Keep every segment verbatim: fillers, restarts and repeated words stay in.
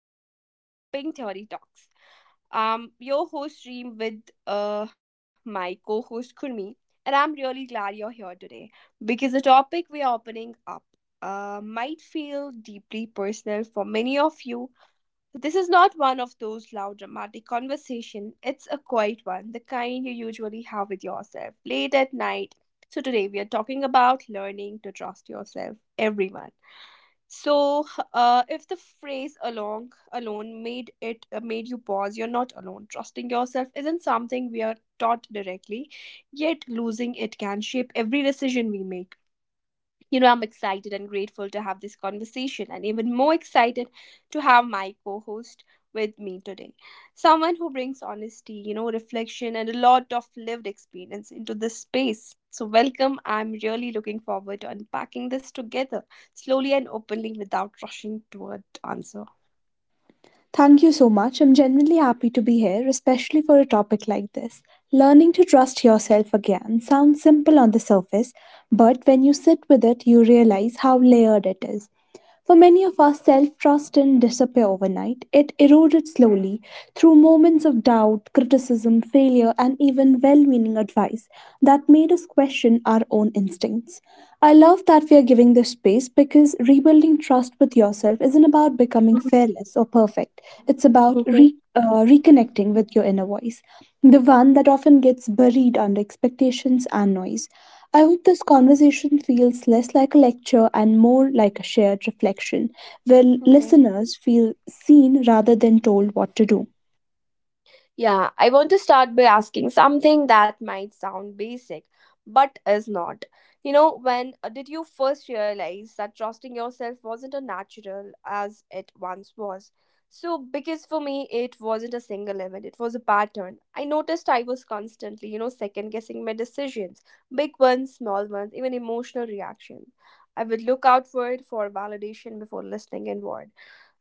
to the Pink Theory Talks. Um, your host Reem with uh my co-host Kurmi, and I'm really glad you're here today because the topic we are opening up uh might feel deeply personal for many of you. This is not one of those loud dramatic conversation. It's a quiet one, the kind you usually have with yourself late at night. So today we are talking about learning to trust yourself, everyone, so, h- uh, if the phrase "along alone" made it uh, made you pause, you're not alone. Trusting yourself isn't something we are taught directly, yet losing it can shape every decision we make. You know, I'm excited and grateful to have this conversation, and even more excited to have my co host with me today. Someone who brings honesty, you know, reflection, and a lot of lived experience into this space. So, welcome. I'm really looking forward to unpacking this together, slowly and openly, without rushing toward answer. Thank you so much. I'm genuinely happy to be here, especially for a topic like this. Learning to trust yourself again sounds simple on the surface, but when you sit with it, you realize how layered it is. For many of us, self trust didn't disappear overnight. It eroded slowly through moments of doubt, criticism, failure, and even well meaning advice that made us question our own instincts. I love that we are giving this space because rebuilding trust with yourself isn't about becoming fearless or perfect. It's about Mhm, re- uh, reconnecting with your inner voice, the one that often gets buried under expectations and noise. I hope this conversation feels less like a lecture and more like a shared reflection, where mhm. listeners feel seen rather than told what to do. Yeah, I want to start by asking something that might sound basic, but is not. You know, when uh, did you first realize that trusting yourself wasn't as natural as it once was? So, because for me, it wasn't a single event, it was a pattern. I noticed I was constantly, you know, second guessing my decisions, big ones, small ones, even emotional reactions. I would look outward for validation before listening inward.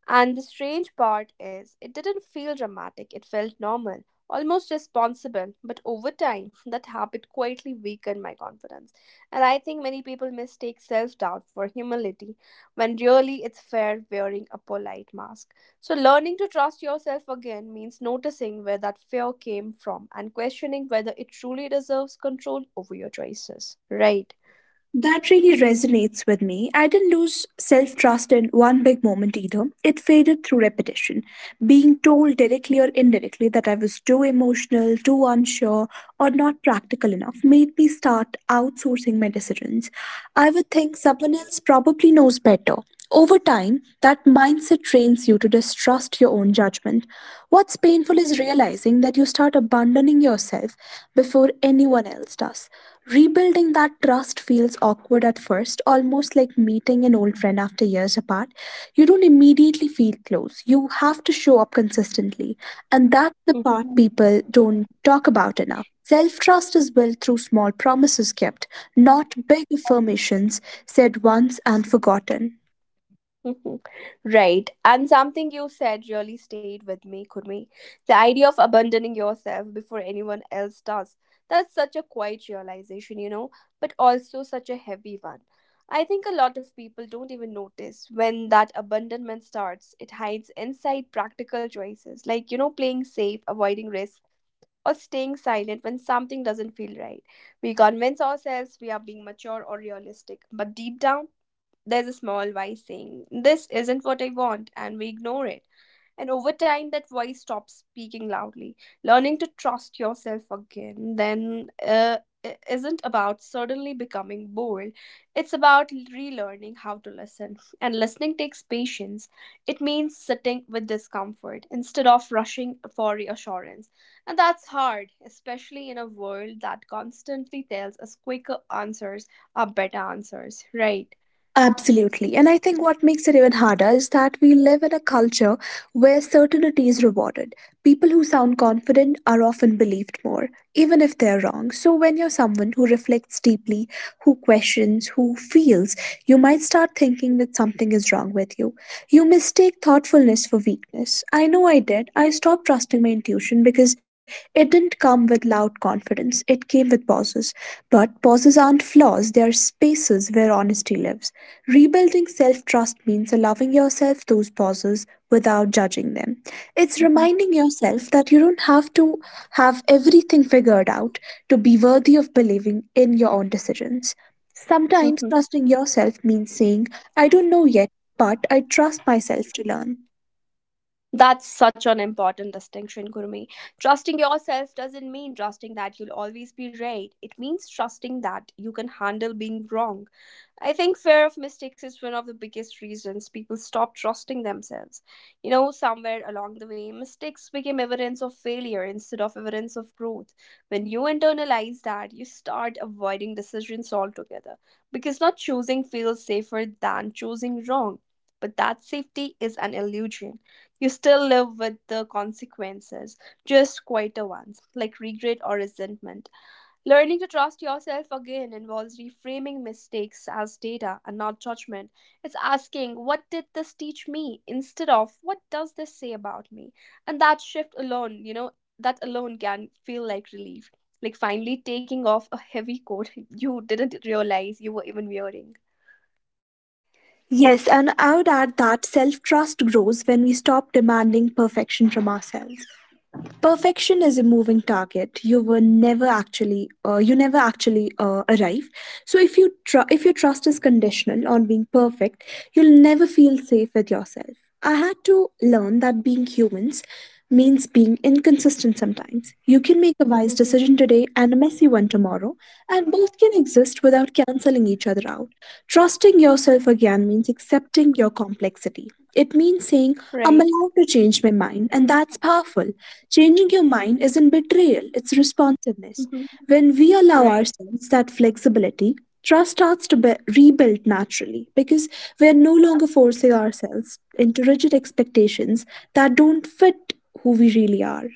And the strange part is, it didn't feel dramatic, it felt normal, almost responsible. But over time, that habit quietly weakened my confidence. And I think many people mistake self doubt for humility when really it's fear wearing a polite mask. So, learning to trust yourself again means noticing where that fear came from and questioning whether it truly deserves control over your choices. Right. That really resonates with me. I didn't lose self trust in one big moment either. It faded through repetition. Being told directly or indirectly that I was too emotional, too unsure, or not practical enough made me start outsourcing my decisions. I would think someone else probably knows better. Over time, that mindset trains you to distrust your own judgment. What's painful is realizing that you start abandoning yourself before anyone else does. Rebuilding that trust feels awkward at first, almost like meeting an old friend after years apart. You don't immediately feel close. You have to show up consistently. And that's the part Mhm. people don't talk about enough. Self trust is built through small promises kept, not big affirmations said once and forgotten. Mhm. Right. And something you said really stayed with me, Kurmi. The idea of abandoning yourself before anyone else does. That's such a quiet realization, you know, but also such a heavy one. I think a lot of people don't even notice when that abandonment starts. It hides inside practical choices, like, you know, playing safe, avoiding risk, or staying silent when something doesn't feel right. We convince ourselves we are being mature or realistic, but deep down, there's a small voice saying, "This isn't what I want," and we ignore it. And over time, that voice stops speaking loudly. Learning to trust yourself again, then, uh, i- isn't about suddenly becoming bold. It's about relearning how to listen. And listening takes patience. It means sitting with discomfort instead of rushing for reassurance. And that's hard, especially in a world that constantly tells us quicker answers are better answers, right? Absolutely. And I think what makes it even harder is that we live in a culture where certainty is rewarded. People who sound confident are often believed more, even if they're wrong. So, when you're someone who reflects deeply, who questions, who feels, you might start thinking that something is wrong with you. You mistake thoughtfulness for weakness. I know I did. I stopped trusting my intuition because it didn't come with loud confidence, it came with pauses. But pauses aren't flaws, they are spaces where honesty lives. Rebuilding self trust means allowing yourself those pauses without judging them. It's Mhm. reminding yourself that you don't have to have everything figured out to be worthy of believing in your own decisions. Sometimes Mhm. trusting yourself means saying, I don't know yet, but I trust myself to learn. That's such an important distinction, Gurmeet. Trusting yourself doesn't mean trusting that you'll always be right. It means trusting that you can handle being wrong. I think fear of mistakes is one of the biggest reasons people stop trusting themselves. You know, somewhere along the way, mistakes became evidence of failure instead of evidence of growth. When you internalize that, you start avoiding decisions altogether because not choosing feels safer than choosing wrong. But that safety is an illusion. You still live with the consequences, just quieter ones, like regret or resentment. Learning to trust yourself again involves reframing mistakes as data and not judgment. It's asking, "What did this teach me?" instead of, "What does this say about me?" And that shift alone, you know, that alone can feel like relief. Like finally taking off a heavy coat you didn't realize you were even wearing. Yes, and I would add that self trust grows when we stop demanding perfection from ourselves. Perfection is a moving target you were never actually uh, you never actually uh, arrive. So if you tr- if your trust is conditional on being perfect, you'll never feel safe with yourself. I had to learn that being humans means being inconsistent. Sometimes you can make a wise Hmm. decision today and a messy one tomorrow, and both can exist without canceling each other out. Trusting yourself again means accepting your complexity. It means saying, I'm Right. allowed to change my mind, and that's powerful. Changing your mind isn't betrayal, it's responsiveness. Mhm. When we allow Right. ourselves that flexibility, trust starts to be- rebuild naturally because we're no longer forcing ourselves into rigid expectations that don't fit who we really are.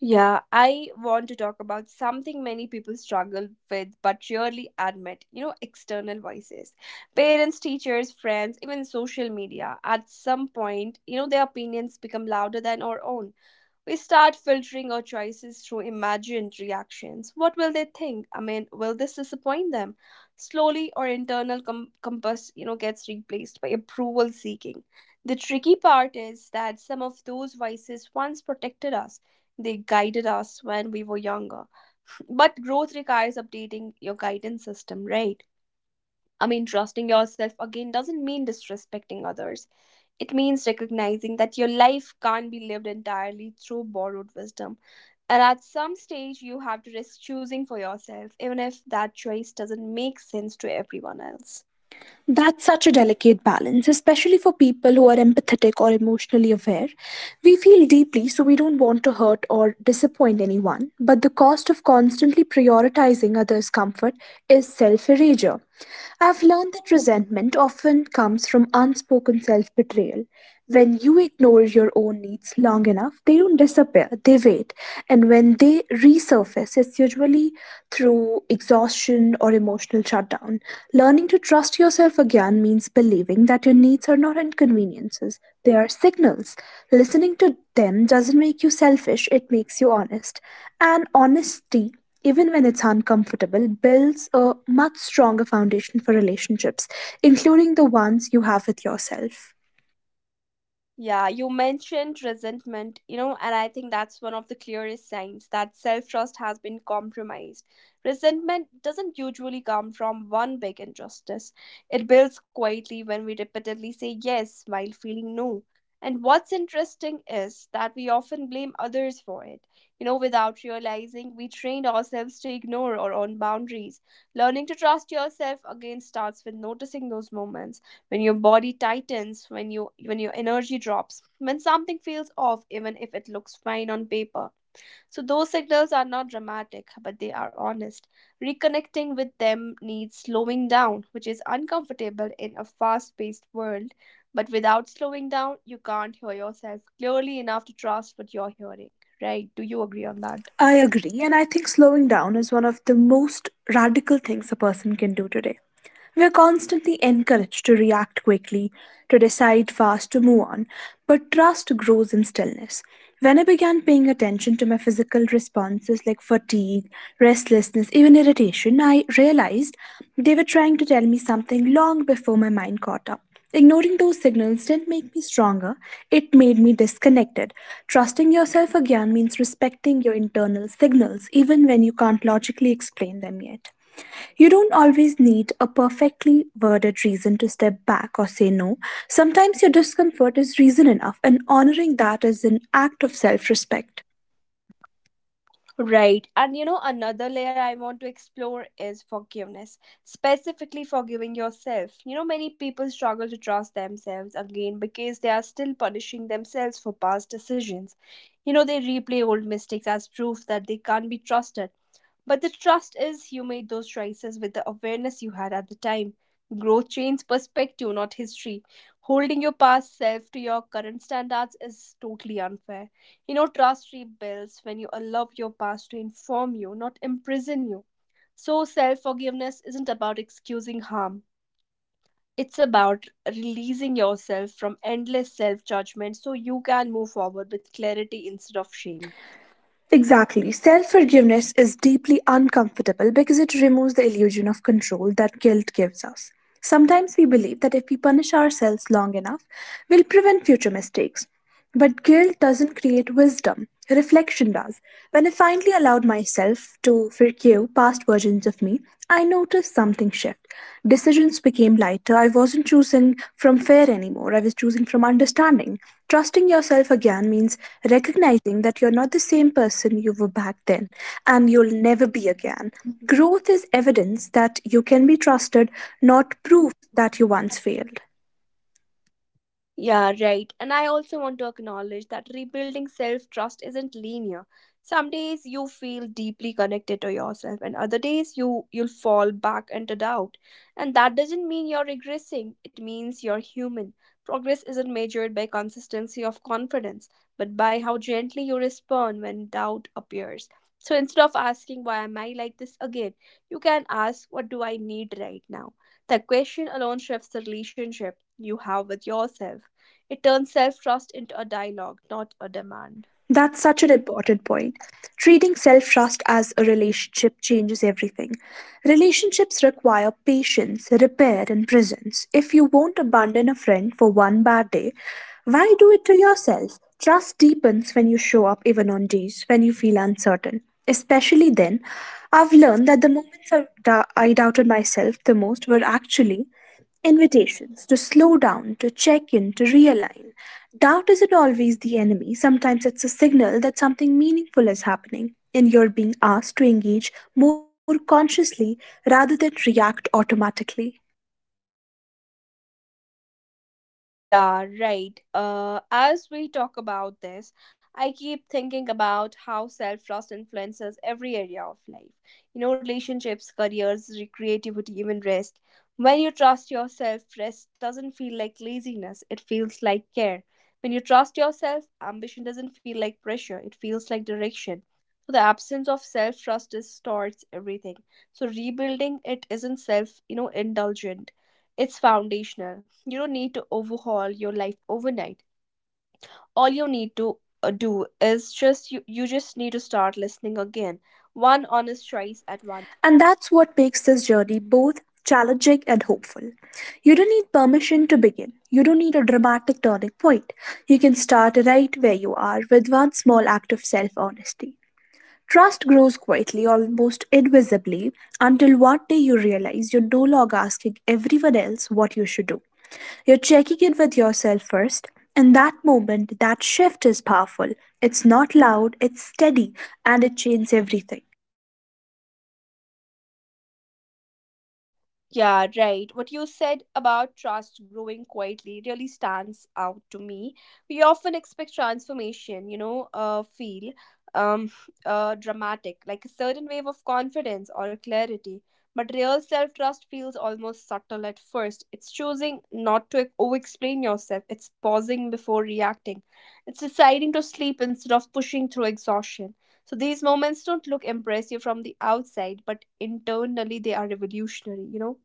Yeah, I want to talk about something many people struggle with but rarely admit, you know, external voices. Parents, teachers, friends, even social media, at some point, you know, their opinions become louder than our own. We start filtering our choices through imagined reactions. What will they think? I mean, will this disappoint them? Slowly, our internal com- compass, you know, gets replaced by approval seeking. The tricky part is that some of those vices once protected us. They guided us when we were younger. But growth requires updating your guidance system, right? I mean, trusting yourself again doesn't mean disrespecting others. It means recognizing that your life can't be lived entirely through borrowed wisdom. And at some stage, you have to risk choosing for yourself, even if that choice doesn't make sense to everyone else. That's such a delicate balance, especially for people who are empathetic or emotionally aware. We feel deeply, so we don't want to hurt or disappoint anyone, but the cost of constantly prioritizing others' comfort is self erasure. I've learned that resentment often comes from unspoken self betrayal. When you ignore your own needs long enough, they don't disappear, they wait. And when they resurface, it's usually through exhaustion or emotional shutdown. Learning to trust yourself again means believing that your needs are not inconveniences, they are signals. Listening to them doesn't make you selfish, it makes you honest. And honesty even when it's uncomfortable, builds a much stronger foundation for relationships, including the ones you have with yourself. Yeah, you mentioned resentment, you know, and I think that's one of the clearest signs that self trust has been compromised. Resentment doesn't usually come from one big injustice, it builds quietly when we repeatedly say yes while feeling no. And what's interesting is that we often blame others for it. You know, without realizing, we trained ourselves to ignore our own boundaries. Learning to trust yourself again starts with noticing those moments when your body tightens, when you when your energy drops, when something feels off even if it looks fine on paper. So those signals are not dramatic, but they are honest. Reconnecting with them needs slowing down, which is uncomfortable in a fast-paced world, but without slowing down you can't hear yourself clearly enough to trust what you're hearing, right? Do you agree on that? I agree, and I think slowing down is one of the most radical things a person can do today. We are constantly encouraged to react quickly, to decide fast, to move on, but trust grows in stillness. When I began paying attention to my physical responses like fatigue, restlessness, even irritation, I realized they were trying to tell me something long before my mind caught up. Ignoring those signals didn't make me stronger, it made me disconnected. Trusting yourself again means respecting your internal signals, even when you can't logically explain them yet. You don't always need a perfectly worded reason to step back or say no. Sometimes your discomfort is reason enough, and honoring that is an act of self respect. Right. And you know, another layer I want to explore is forgiveness, specifically forgiving yourself. You know, many people struggle to trust themselves again because they are still punishing themselves for past decisions. You know, they replay old mistakes as proof that they can't be trusted. But the trust is you made those choices with the awareness you had at the time. Growth changes perspective, not history. Holding your past self to your current standards is totally unfair. You know, trust rebuilds when you allow your past to inform you, not imprison you. So, self forgiveness isn't about excusing harm, it's about releasing yourself from endless self judgment so you can move forward with clarity instead of shame. Exactly. Self forgiveness is deeply uncomfortable because it removes the illusion of control that guilt gives us. Sometimes we believe that if we punish ourselves long enough, we'll prevent future mistakes. But guilt doesn't create wisdom, reflection does. When I finally allowed myself to forgive past versions of me, I noticed something shift. Decisions became lighter. I wasn't choosing from fear anymore. I was choosing from understanding. Trusting yourself again means recognizing that you're not the same person you were back then and you'll never be again. Growth is evidence that you can be trusted, not proof that you once failed. Yeah, right. And I also want to acknowledge that rebuilding self trust isn't linear. Some days you feel deeply connected to yourself, and other days you, you'll fall back into doubt. And that doesn't mean you're regressing, it means you're human. Progress isn't measured by consistency of confidence, but by how gently you respond when doubt appears. So instead of asking, "Why am I like this again?" you can ask, "What do I need right now?" The question alone shifts the relationship you have with yourself. It turns self trust into a dialogue, not a demand. That's such an important point. Treating self trust as a relationship changes everything. Relationships require patience, repair, and presence. If you won't abandon a friend for one bad day, why do it to yourself? Trust deepens when you show up, even on days when you feel uncertain. Especially then, I've learned that the moments I, dou- I doubted myself the most were actually invitations to slow down, to check in, to realign. Doubt isn't always the enemy. Sometimes it's a signal that something meaningful is happening and you're being asked to engage more consciously rather than react automatically. Mm, yeah, right. Uh, as we talk about this, I keep thinking about how self trust influences every area of life. You know, relationships, careers, re- creativity, even rest. When you trust yourself, rest doesn't feel like laziness, it feels like care. When you trust yourself, ambition doesn't feel like pressure, it feels like direction. So, the absence of self trust distorts everything. So, rebuilding it isn't self, you know, indulgent, it's foundational. You don't need to overhaul your life overnight. All you need to uh, do is just you, you just need to start listening again, one honest choice at one time. And that's what makes this journey both challenging and hopeful. You don't need permission to begin. You don't need a dramatic turning point. You can start right where you are with one small act of self honesty. Trust grows quietly, almost invisibly, until one day you realize you're no longer asking everyone else what you should do. You're checking in with yourself first, and that moment, that shift is powerful. It's not loud, it's steady, and it changes everything. Yeah, right. What you said about trust growing quietly really stands out to me. We often expect transformation, you know, uh, feel um, uh, dramatic, like a certain wave of confidence or clarity. But real self trust feels almost subtle at first. It's choosing not to over explain yourself, it's pausing before reacting, it's deciding to sleep instead of pushing through exhaustion. So these moments don't look impressive from the outside, but internally they are revolutionary, you know.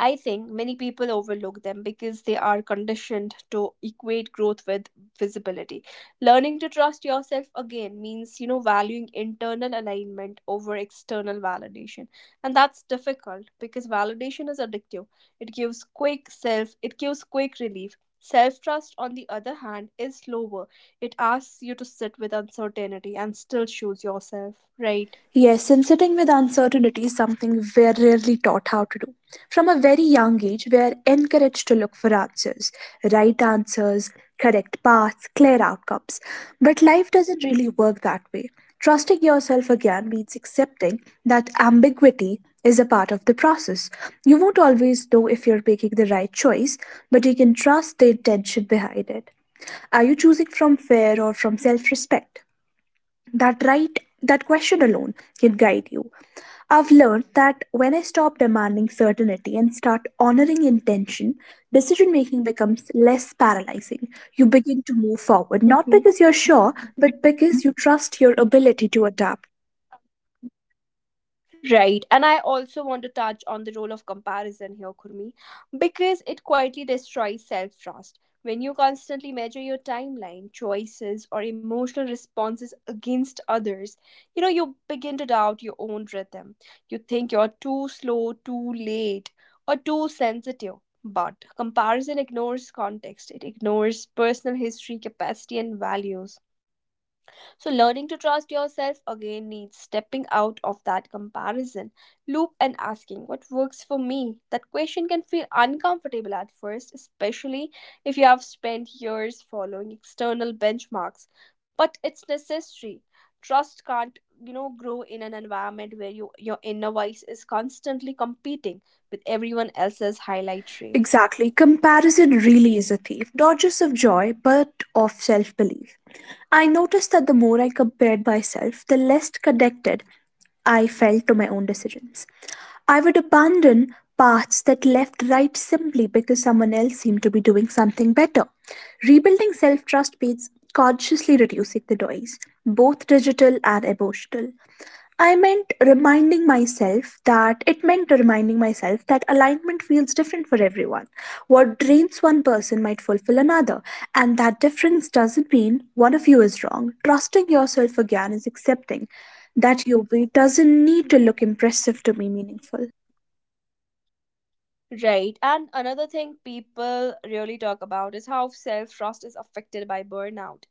I think many people overlook them because they are conditioned to equate growth with visibility. Learning to trust yourself again means, you know, valuing internal alignment over external validation. And that's difficult because validation is addictive. It gives quick self, it gives quick relief. Self trust, on the other hand, is slower. It asks you to sit with uncertainty and still choose yourself, right? Yes, and sitting with uncertainty is something we're rarely taught how to do. From a very young age, we're encouraged to look for answers, right answers, correct paths, clear outcomes. But life doesn't really work that way. Trusting yourself again means accepting that ambiguity is a part of the process. You won't always know if you're making the right choice, but you can trust the intention behind it. Are you choosing from fear or from self respect? That right, that question alone can guide you. I've learned that when I stop demanding certainty and start honoring intention, decision making becomes less paralyzing. You begin to move forward, not Mhm. because you're sure, but because you trust your ability to adapt. Right. And I also want to touch on the role of comparison here, Kurmi, because it quietly destroys self trust. When you constantly measure your timeline, choices, or emotional responses against others, you know, you begin to doubt your own rhythm. You think you're too slow, too late, or too sensitive. But comparison ignores context, it ignores personal history, capacity, and values. So, learning to trust yourself again needs stepping out of that comparison loop and asking, "What works for me?" That question can feel uncomfortable at first, especially if you have spent years following external benchmarks, but it's necessary. Trust can't, you know grow in an environment where you, your inner voice is constantly competing with everyone else's highlight reel. Exactly, comparison really is a thief, not just of joy, but of self belief. I noticed that the more I compared myself, the less connected I felt to my own decisions. I would abandon paths that left right simply because someone else seemed to be doing something better. Rebuilding self trust means consciously reducing the noise, both digital and emotional. I meant reminding myself that it meant reminding myself that alignment feels different for everyone. What drains one person might fulfill another, and that difference doesn't mean one of you is wrong. Trusting yourself again is accepting that your way doesn't need to Mhm. look impressive to be meaningful. Right. And another thing people really talk about is how self trust is affected by burnout.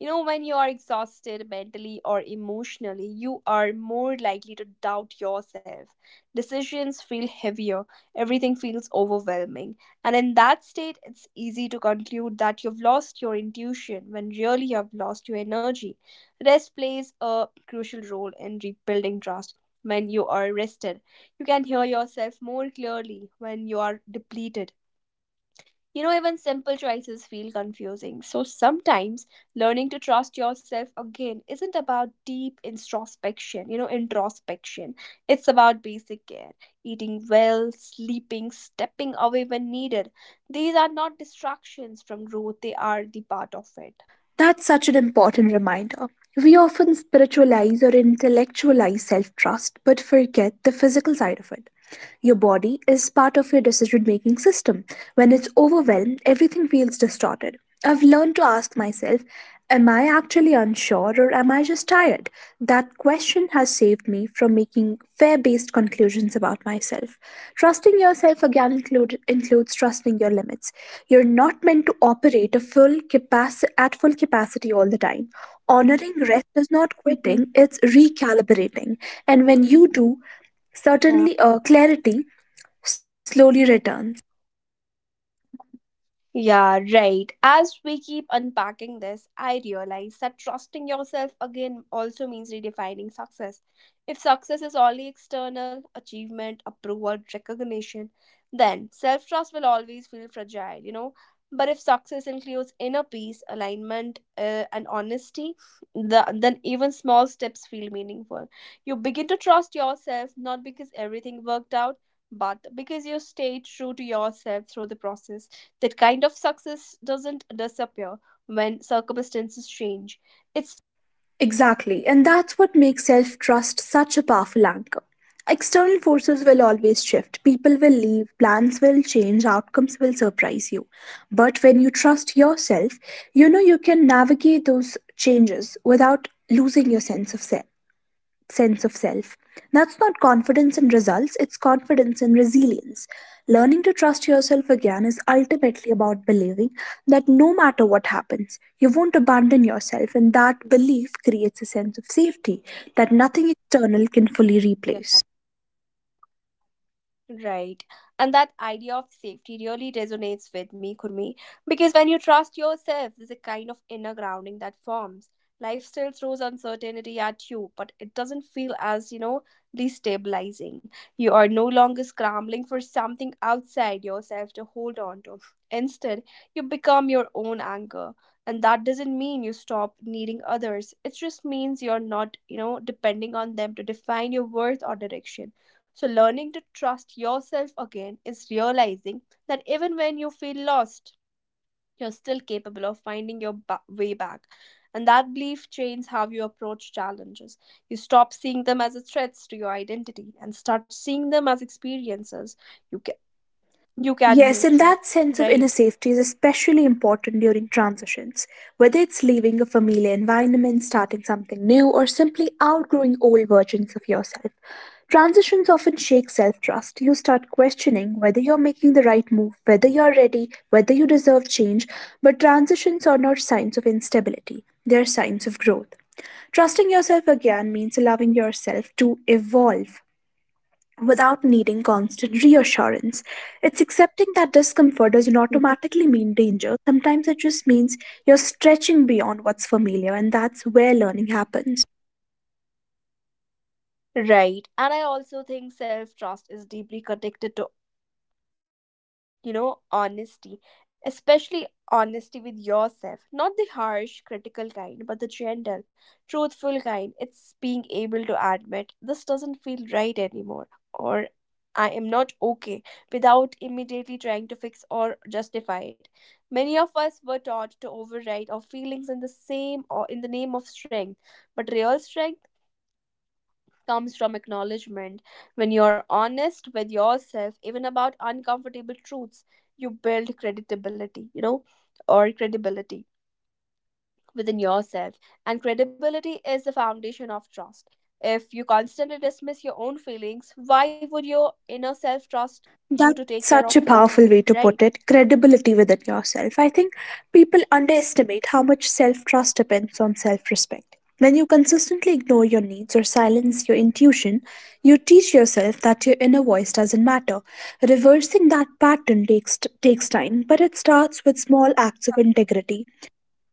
You know, when you are exhausted mentally or emotionally, you are more likely to doubt yourself. Decisions feel heavier, everything feels overwhelming. And in that state, it's easy to conclude that you've lost your intuition when really you have lost your energy. Rest plays a crucial role in rebuilding trust. When you are rested, you can hear yourself more clearly when you are depleted. You know, even simple choices feel confusing. So sometimes learning to trust yourself again isn't about deep introspection, you know, introspection. It's about basic care, eating well, sleeping, stepping away when needed. These are not distractions from growth, they are the part of it. That's such an important reminder. We often spiritualize or intellectualize self trust, but forget the physical side of it. Your body is part of your decision making system. When it's overwhelmed, everything feels distorted. I've learned to ask myself, Am I actually unsure or am I just tired? That question has saved me from making fear based conclusions about myself. Trusting yourself again include, includes trusting your limits. You're not meant to operate a full capaci- at full capacity all the time. Honoring rest is not Mhm. quitting, it's recalibrating. And when you do, certainly uh, clarity slowly returns. Yeah, right. As we keep unpacking this, I realize that trusting yourself again also means redefining success. If success is only external, achievement, approval, recognition, then self trust will always feel fragile, you know. But if success includes inner peace, alignment, uh, and honesty, the, then even small steps feel meaningful. You begin to trust yourself not because everything worked out, but because you stayed true to yourself through the process that kind of success doesn't disappear when circumstances change, it stays with you, Exactly, and right? that's what makes self trust such a powerful anchor. External forces will always shift, people will leave, plans will change, outcomes will surprise you. But when you trust yourself, you know you can navigate those changes without losing your sense of self. sense of self. That's not confidence in results, it's confidence in resilience. Learning to trust yourself again is ultimately about believing that no matter what happens, you won't abandon yourself, and that belief creates a sense of safety that nothing external can fully Yeah. replace. Right. And that idea of safety really resonates with me, Kurmi, because when you trust yourself, there's a kind of inner grounding that forms. Life still throws uncertainty at you, but it doesn't feel as, you know, destabilizing. You are no longer scrambling for something outside yourself to hold on to. Instead, you become your own anchor. And that doesn't mean you stop needing others. It just means you're not, you know, depending on them to define your worth or direction so, learning to trust yourself again is realizing that even when you feel lost, you're still capable of finding your ba- way back. And that belief changes how you approach challenges. You stop seeing them as a threats to your identity and start seeing them as experiences you can, you can Yes, move and through. that sense of inner Right. safety is especially important during transitions, whether it's leaving a familiar environment, starting something new, or simply outgrowing old versions of yourself. Transitions often shake self trust. You start questioning whether you're making the right move, whether you're ready, whether you deserve change. But transitions are not signs of instability, they're signs of growth. Trusting yourself again means allowing yourself to evolve without needing constant reassurance. It's accepting that discomfort doesn't automatically mean danger. Sometimes it just means you're stretching beyond what's familiar, and that's where learning happens. Right. And I also think self trust is deeply connected to you know, honesty, especially honesty with yourself. Not the harsh, critical kind, but the gentle, truthful kind. It's being able to admit this doesn't feel right anymore, or I am not okay without immediately trying to fix or justify it. Many of us were taught to override our feelings in the same or in the name of strength, but real strength comes from acknowledgement. When you're honest with yourself, even about uncomfortable truths, you build credibility, you know, or credibility within yourself. And credibility is the foundation of trust. If you constantly dismiss your own feelings, why would your inner self trust you That's to take care such of a it? powerful way to put Right. it credibility within yourself. I think people underestimate how much self trust depends on self respect. When you consistently ignore your needs or silence your intuition, you teach yourself that your inner voice doesn't matter. Reversing that pattern takes, takes time, but it starts with small acts of integrity.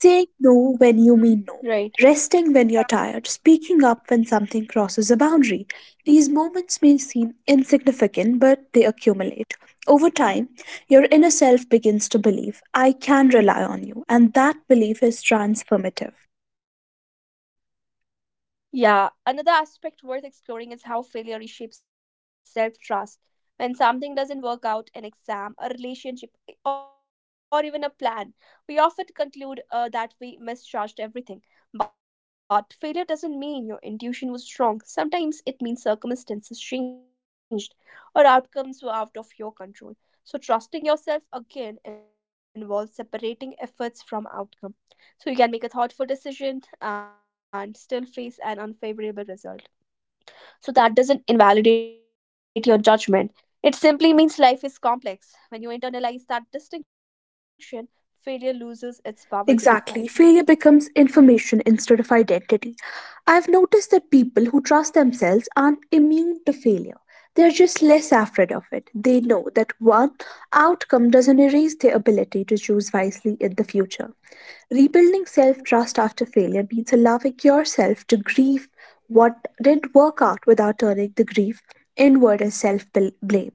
Saying no when you mean Hmm. no, Right. resting when you're tired, speaking up when something crosses a boundary. These moments may seem insignificant, but they accumulate. Over time, your inner self begins to believe, I can rely on you, and that belief is transformative. Yeah, another aspect worth exploring is how failure reshapes self trust. When something doesn't work out, an exam, a relationship, e, or even a plan, we often conclude uh, that we misjudged everything. But failure doesn't mean your intuition was wrong. Sometimes it means circumstances changed or outcomes were out of your control. So, trusting yourself again involves separating efforts from outcomes so you can make a thoughtful decision and still face an unfavorable result. So that doesn't invalidate your judgment. It simply means life is complex. When you internalize that distinction, failure loses its power to Exactly. define Failure you. becomes information instead of identity. I've noticed that people who trust themselves aren't immune to failure. They're just less afraid of it. They know that one outcome doesn't erase their ability to choose wisely in the future. Rebuilding self trust after Mhm. failure means allowing yourself to grieve what didn't work out without turning the grief inward as self blame.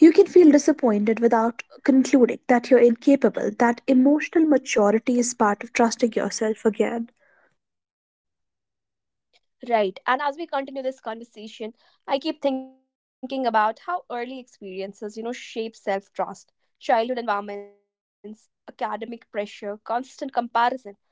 You can feel disappointed without concluding that you're incapable, that emotional maturity is part of trusting yourself again. Right. And as we continue this conversation, I keep thinking about how early experiences, you know, shape self trust. Childhood environments, academic pressure, constant comparison.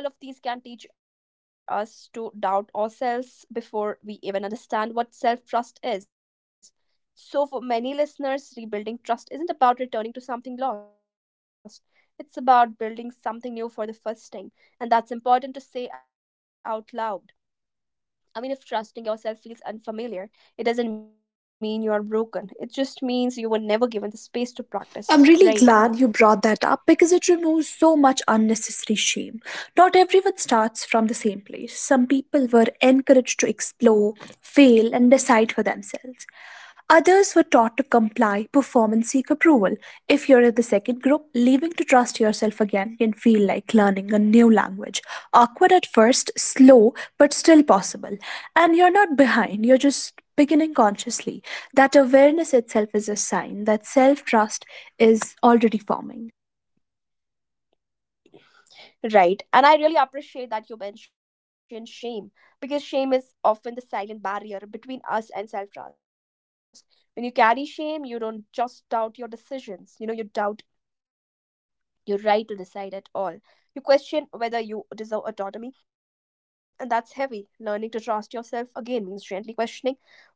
I mean, all of these can teach us to doubt ourselves before we even understand what self trust is. So, for many listeners, rebuilding trust isn't about returning to something lost, it's about building something new for the first time. And that's important to say out loud. I mean, if trusting yourself feels unfamiliar, it doesn't mean you're broken. It just means you were never given the space to I'm really practice, glad you right? brought that up because it removes so much unnecessary shame. Not everyone starts from the same place. Some people were encouraged to explore, fail, and decide for themselves. Others were taught to comply, perform, and seek approval. If you're in the second group, leaving to trust yourself again can feel like learning a new language. Awkward at first, slow, but still possible. And you're not behind, you're just beginning consciously. That awareness itself is a sign that self trust is already forming. Right. And I really appreciate that you mentioned shame because shame is often the silent barrier between us and self trust. When you carry shame, you don't just doubt your decisions, you know, you doubt your right to decide at all. You question whether you deserve autonomy, and that's heavy. Learning to trust yourself again means gently questioning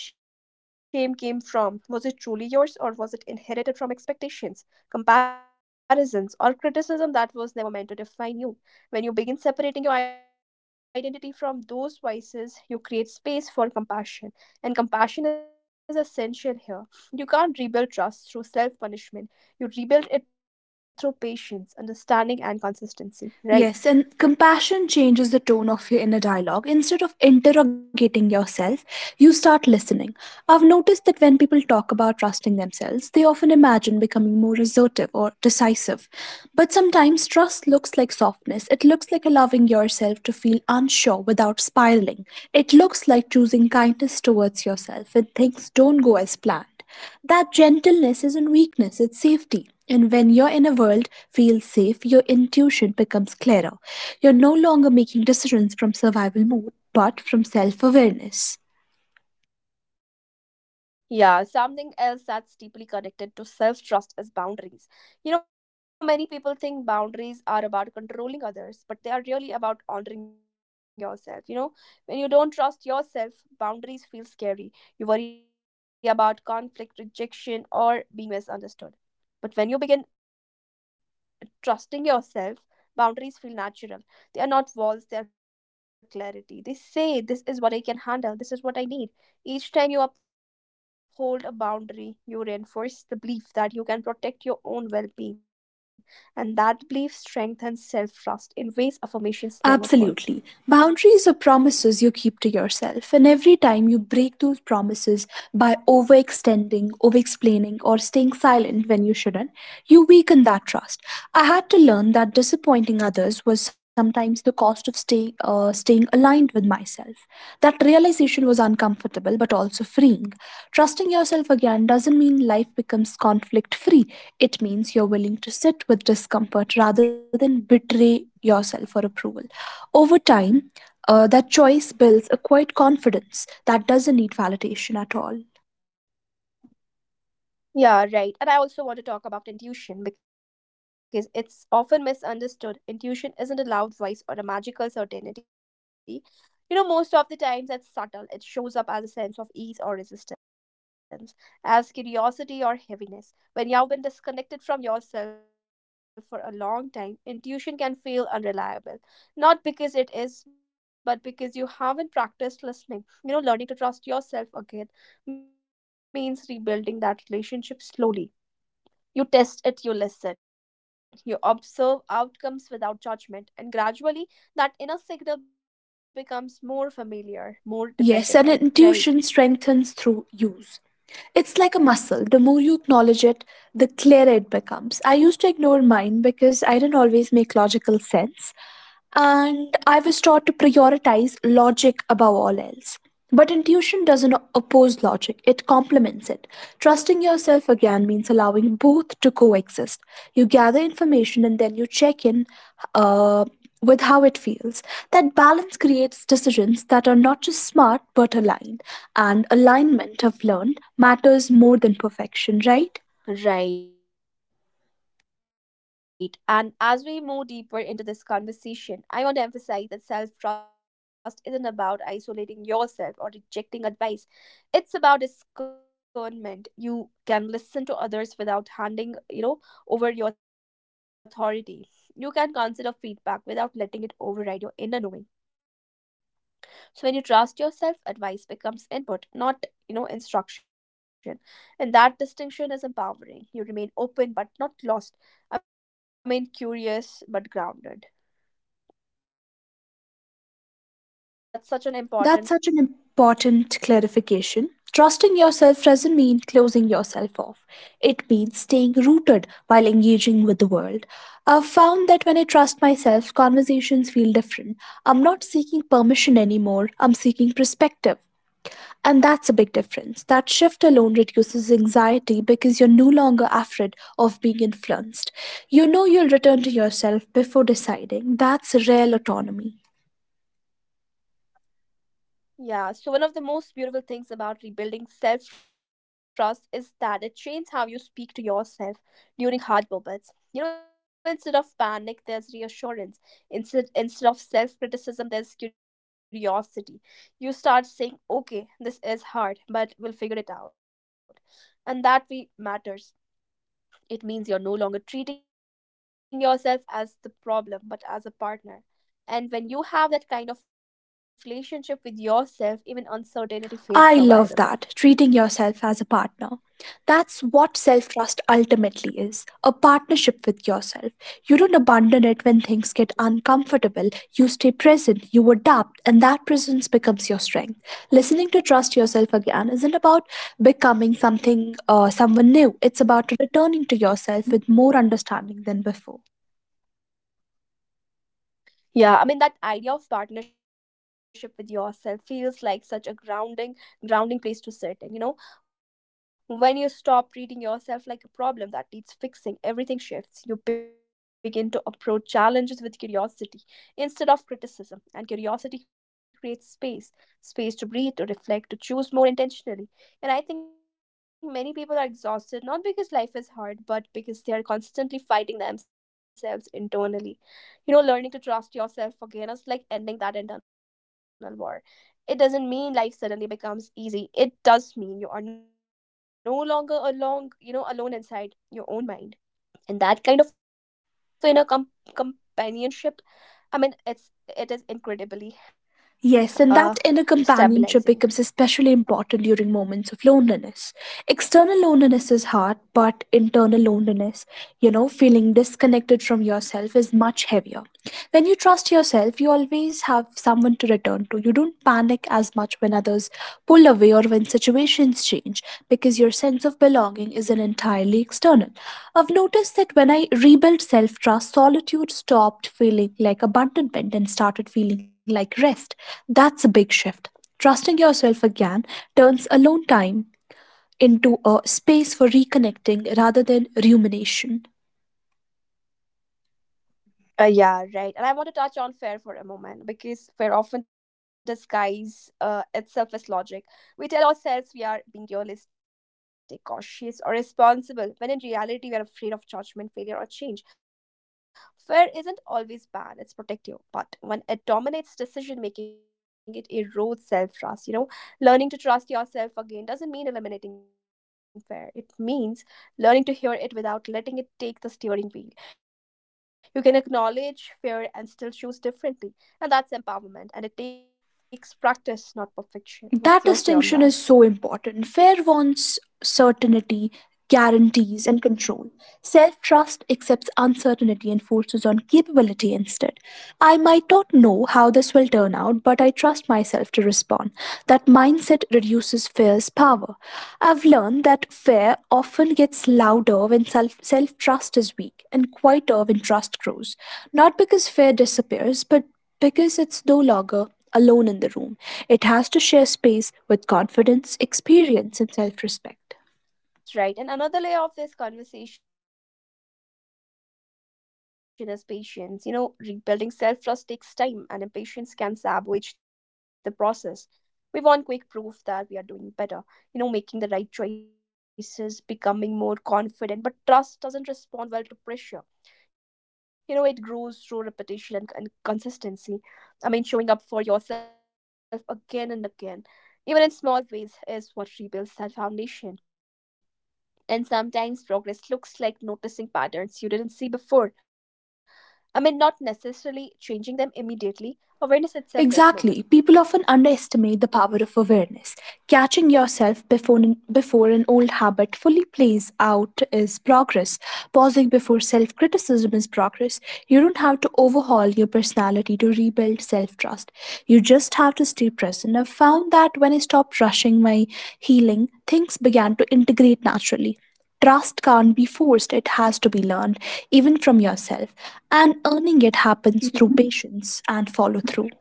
where that shame came from. Was it truly yours, or was it inherited from expectations, comparisons, or criticism that was never meant to define you? When you begin separating your identity from those vices, you create space for compassion, and compassion is essential here. You can't rebuild trust through self punishment, you rebuild it through patience, understanding, and consistency, Yes, and right? compassion changes the tone of your inner dialogue. Instead of interrogating yourself, you start listening. I've noticed that when people talk about trusting themselves, they often imagine becoming more assertive or decisive. But sometimes trust looks like softness. It looks like allowing yourself to feel unsure without spiraling. It looks like choosing kindness towards yourself when things don't go as planned. That gentleness isn't weakness, it's safety. And when you're in a world feels safe, your intuition becomes clearer. You're no longer making decisions from survival mode, but from self awareness. Yeah, something else that's deeply connected to self trust is boundaries. You know, many people think boundaries are about controlling others, but they are really about honoring yourself. You know, when you don't trust yourself, boundaries feel scary. You worry about conflict, rejection, or being misunderstood. But when you begin trusting yourself, boundaries feel natural. They are not walls, they are clarity. They say, this is what I can handle, this is what I need. Each time you uphold a boundary, you reinforce the belief that you can protect your own well being, and that belief strengthens self trust in ways affirmations never Absolutely. could. Boundaries are promises you keep to yourself, and every time you break those promises by overextending, over explaining, or staying silent when you shouldn't, you weaken that trust. I had to learn that disappointing others was sometimes the cost of stay, uh, staying aligned with myself. That realization was uncomfortable but also freeing. Trusting yourself again doesn't mean life becomes conflict free, it means you're willing to sit with discomfort rather than betray yourself for approval. Over time, uh, that choice builds a quiet confidence that doesn't need validation at all. Yeah, right. And I also want to talk about intuition because it's often misunderstood. Intuition isn't a loud voice or a magical certainty. You know, most of the times it's subtle. It shows up as a sense of ease or resistance, as curiosity or heaviness. When you have been disconnected from yourself for a long time, intuition can feel unreliable. Not because it is, but because you haven't practiced listening. You know, learning to trust yourself again means rebuilding that relationship slowly. You test it, you listen, you observe outcomes without judgment, and gradually that inner signal becomes more familiar, more Yes, and dependable, intuition right? strengthens through use. It's like a muscle. The more you acknowledge it, the clearer it becomes. I used to ignore mine because I didn't always make logical sense, and I was taught to prioritize logic above all else. But intuition doesn't oppose logic, it complements it. Trusting yourself again means allowing both to coexist. You gather information and then you check in uh, with how it feels. That balance creates decisions that are not just smart but aligned. And alignment, I've learned, matters more than perfection, right? Right. And as we move deeper into this conversation, I want to emphasize that self trust isn't about isolating yourself or rejecting advice. It's about discernment. You can listen to others without handing, you know, over your authority. You can consider feedback without letting it override your inner knowing. So when you trust yourself advice becomes input, not, you know, instruction. And that distinction is empowering. You remain open but not lost. I mean curious but grounded That's such an important and that's such an clarification. important. Trusting yourself doesn't mean closing yourself off. It means staying rooted while engaging with the world. I've found that when I trust myself, conversations feel different. I'm not seeking permission anymore, I'm seeking perspective. And that's a big difference. That shift alone reduces anxiety because you're no longer afraid of being influenced. You know you'll return to yourself before deciding. That's real autonomy. Yeah, so one of the most beautiful things about rebuilding self trust is that it changes how you speak to yourself during hard moments. You know, instead of panic, there's reassurance. Instead, instead of self criticism, there's curiosity. You start saying, okay, this is hard, but we'll figure it out. And that we matters. It means you're no longer treating yourself as the problem, but as a partner. And when you have that kind of relationship with yourself, even uncertainty I feels love that, survivable. treating yourself as a partner. That's what self trust ultimately is a partnership with yourself. You don't abandon it when things get uncomfortable. You stay present, you adapt, and that presence becomes your strength. Listening to trust yourself again isn't about becoming something or someone new, it's about returning to yourself with more understanding than before. Yeah, I mean that idea of partnership with yourself feels like such a grounding grounding place to sit in, you know? When you stop treating yourself like a problem that needs fixing, everything shifts. You begin to approach challenges with curiosity instead of criticism, and curiosity creates space, space to breathe, to reflect, to choose more intentionally. And I think many people are exhausted not because life is hard, but because they are constantly fighting themselves internally. You know, learning to trust yourself again is like ending that internal war. It doesn't mean life suddenly becomes easy. It does mean you are no longer along, you know, alone inside your own mind. And that kind of inner com- companionship, I mean it's it is incredibly Yes, and uh that inner companionship stabilizing. becomes especially important during moments of loneliness. External loneliness is hard, but internal loneliness, you know, feeling disconnected from yourself is much heavier. When you trust yourself, you always have someone to return to. You don't panic as much when others pull away or when situations change because your sense of belonging isn't entirely external. I've noticed that when I rebuilt self trust, solitude stopped feeling like abandonment and started feeling like rest. That's a big shift. Trusting yourself again turns alone time into a space for reconnecting rather than rumination. Uh, yeah, right. And I want to touch on fear for a moment because fear often disguises uh, itself as logic. We tell ourselves we are being realistic, cautious, or responsible, when in reality we are afraid of judgment, failure, or change. Fear isn't always bad, it's protective. But when it dominates decision making, it erodes self trust. You know, learning to trust yourself again doesn't mean eliminating fear. It means learning to hear it without letting it take the steering wheel. You can acknowledge fear and still choose differently. And that's empowerment. And it takes practice, not perfection. What's That your say on distinction that? is so important. Fair wants certainty, guarantees, and control. Self trust accepts uncertainty and forces on capability instead. I might not know how this will turn out, but I trust myself to respond. That mindset reduces fear's power. I've learned that fear often gets louder when self self trust is weak and quieter when trust grows. Not because fear disappears, but because it's no longer alone in the room, it has to share space with confidence, experience, and self respect. Yeah. Yes, right. And another layer of this conversation is patience. You know, rebuilding self trust takes time, and impatience can sabotage the process. We want quick proof that we are doing better, you know, making the right choices, becoming more confident, but trust doesn't respond well to pressure. You know, it grows through repetition and, and consistency. I mean showing up for yourself again and again even in small ways is what rebuilds that foundation. And sometimes progress looks like noticing patterns you didn't see before. I mean not necessarily changing them immediately. Awareness itself is movement. What do you Exactly. say on People that? often underestimate the power of awareness. Catching yourself before an, before an old habit fully plays out is progress. Pausing before self criticism is progress. You don't have to overhaul your personality to rebuild self trust. You just have to stay present. I've found that when I stopped rushing my healing, things began to integrate naturally. Trust can't be forced, it has to be learned, even from yourself. And Mhm. earning it happens through patience and follow through.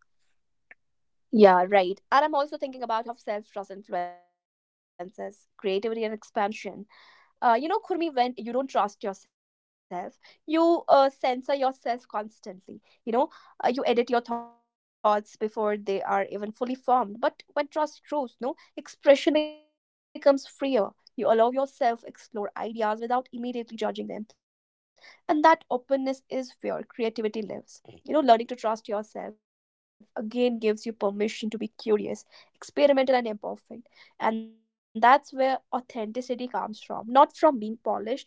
Yeah, right. And I'm also thinking about how self trust influences creativity and expansion. Uh, you know, Kurmi, when you don't trust yourself, you uh, censor yourself constantly. You know, uh, you edit your thoughts before they are even fully formed. But when trust grows, no expression becomes freer. You allow yourself explore ideas without immediately judging them, and that openness is where creativity lives. You know, learning to trust yourself again gives you permission to be curious, experimental, and imperfect and that's where authenticity comes from. Not from being polished, but from being honest.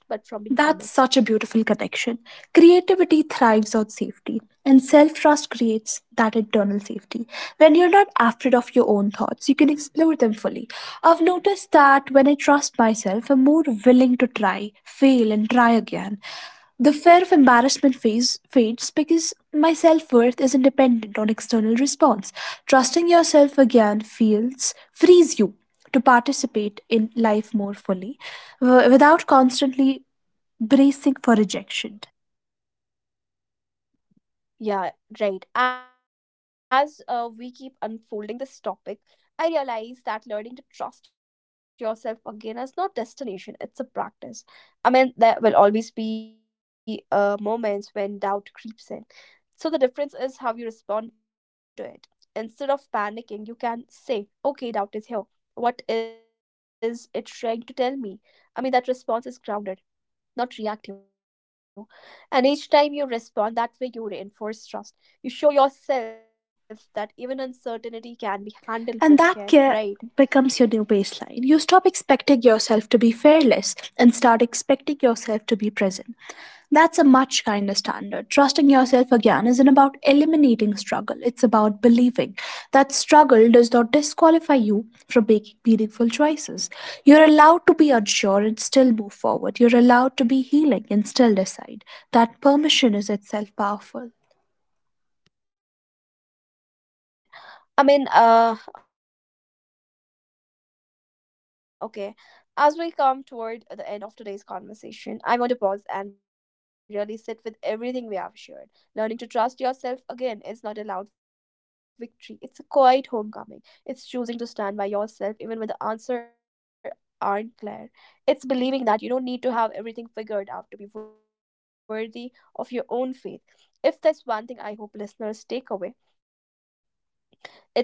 That's such a beautiful connection. Creativity thrives on safety, and self trust creates that internal safety. When you're not afraid of your own thoughts, you can explore them fully. I've noticed that when I trust myself, I'm more willing to try, fail, and try again. The fear of embarrassment phase fades because my self worth isn't dependent on external response. Trusting yourself again feels frees you to participate Yeah. in life more fully w- without constantly bracing for rejection. Yeah, right. As uh, we keep unfolding this topic, I realize that learning to trust yourself again is not destination, it's a practice. I mean, there will always be uh, moments when doubt creeps in. So the difference is how you respond to it. Instead of panicking, you can say, okay, doubt is here. What is it trying to tell me? I mean, that response is grounded, not reactive. And each time you respond that way, you reinforce trust. You show yourself that even uncertainty can be handled with care, right? And that care becomes your new baseline. You stop expecting yourself to be fearless and start expecting yourself to be present. That's a much kinder standard. Trusting yourself again isn't about eliminating struggle, it's about believing that struggle does not disqualify you from making meaningful choices. You're allowed to be unsure and still move forward. You're allowed to be healing and still decide. That permission is itself powerful. Right, perfectly said. I mean, uh, okay. As we come toward the end of today's conversation, I want to pause and really sit with everything we have shared. Learning to trust yourself again is not a loud victory, it's a quiet homecoming. It's choosing to stand by yourself even when the answers aren't clear. It's believing that you don't need to have everything figured out to be worthy of your own faith. If there's one thing I hope listeners take away,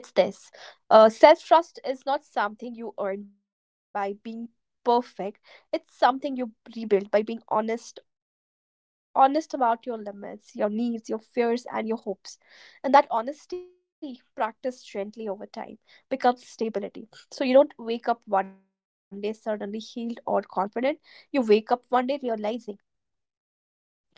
it's this uh, self trust is not something you earn by being perfect, it's something you rebuild by being honest, honest about your limits, your needs, your fears, and your hopes. And that honesty, practiced gently over time, becomes stability. So you don't wake up one day suddenly healed or confident, you wake up one day realizing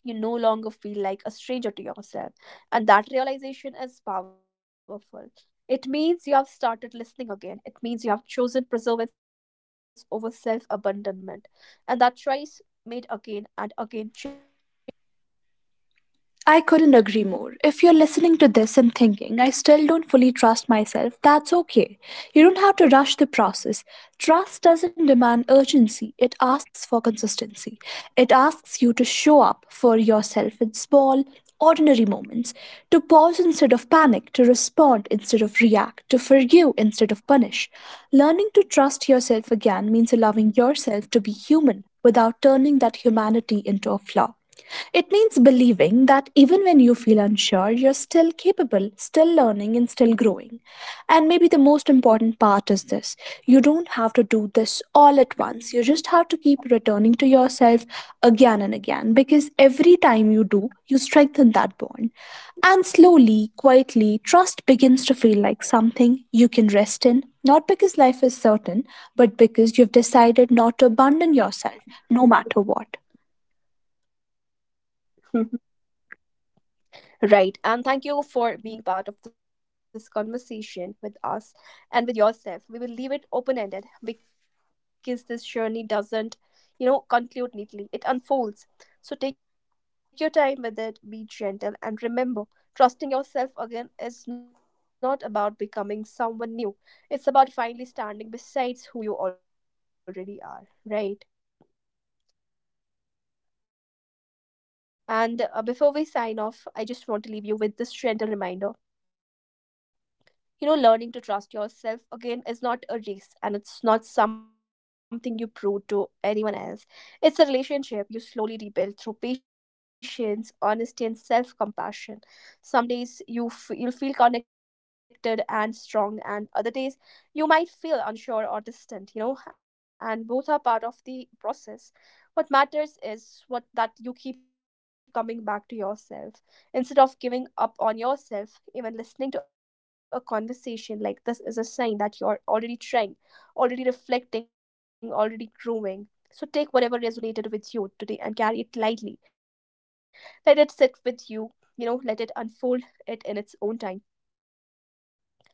you no longer feel like a stranger to yourself, and that realization is powerful. It means you have started listening again. It means you have chosen preservance over self abandonment. And that choice, made again and again, changes everything. I couldn't agree more. If you're listening to this and thinking, I still don't fully trust myself, that's okay. You don't have to rush the process. Trust doesn't demand urgency, it asks for consistency. It asks you to show up for yourself in small, ordinary moments, to pause instead of panic, to respond instead of react, to forgive instead of punish. Learning to trust yourself again means allowing yourself to be human without turning that humanity into a flaw. It means believing that even when you feel unsure, you're still capable, still learning, and still growing. And maybe the most important part is this: you don't have to do this all at once. You just have to keep returning to yourself again and again because every time you do, you strengthen that bond. And slowly, quietly, trust begins to feel like something you can rest in, not because life is certain, but because you've decided not to abandon yourself, no matter what. Right. And thank you for being part of this conversation with us and with yourself. We will leave it open ended because this journey doesn't, you know, conclude neatly. It unfolds. So take your time with it, be gentle, and remember, trusting yourself again is not about becoming someone new. It's about finally standing besides who you already are. Right. And uh, before we sign off, I just want to leave you with this gentle reminder: you know, learning to trust yourself again is not a race, and it's not something you prove to anyone else. It's a relationship you slowly rebuild through patience, honesty, and self-compassion. Some days you f- you'll feel connected and strong, and other days you might feel unsure or distant, you know, and both are part of the process. What matters is what that you keep coming back to yourself instead of giving up on yourself. Even listening to a conversation like this is a sign that you're already trying, already reflecting, already growing. So take whatever resonated with you today and carry it lightly. Let it sit with you, you know, let it unfold it in its own time.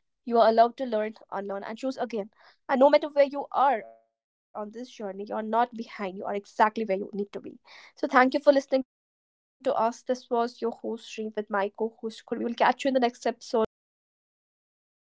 You are allowed to learn, unlearn, and choose again. And no matter where you are on this journey, you are not behind. You are exactly where you need to be. So, thank you for listening to us. This was your host, Stream, with my co host, Kurbi. We'll catch you in the next episode. Till then, bye bye.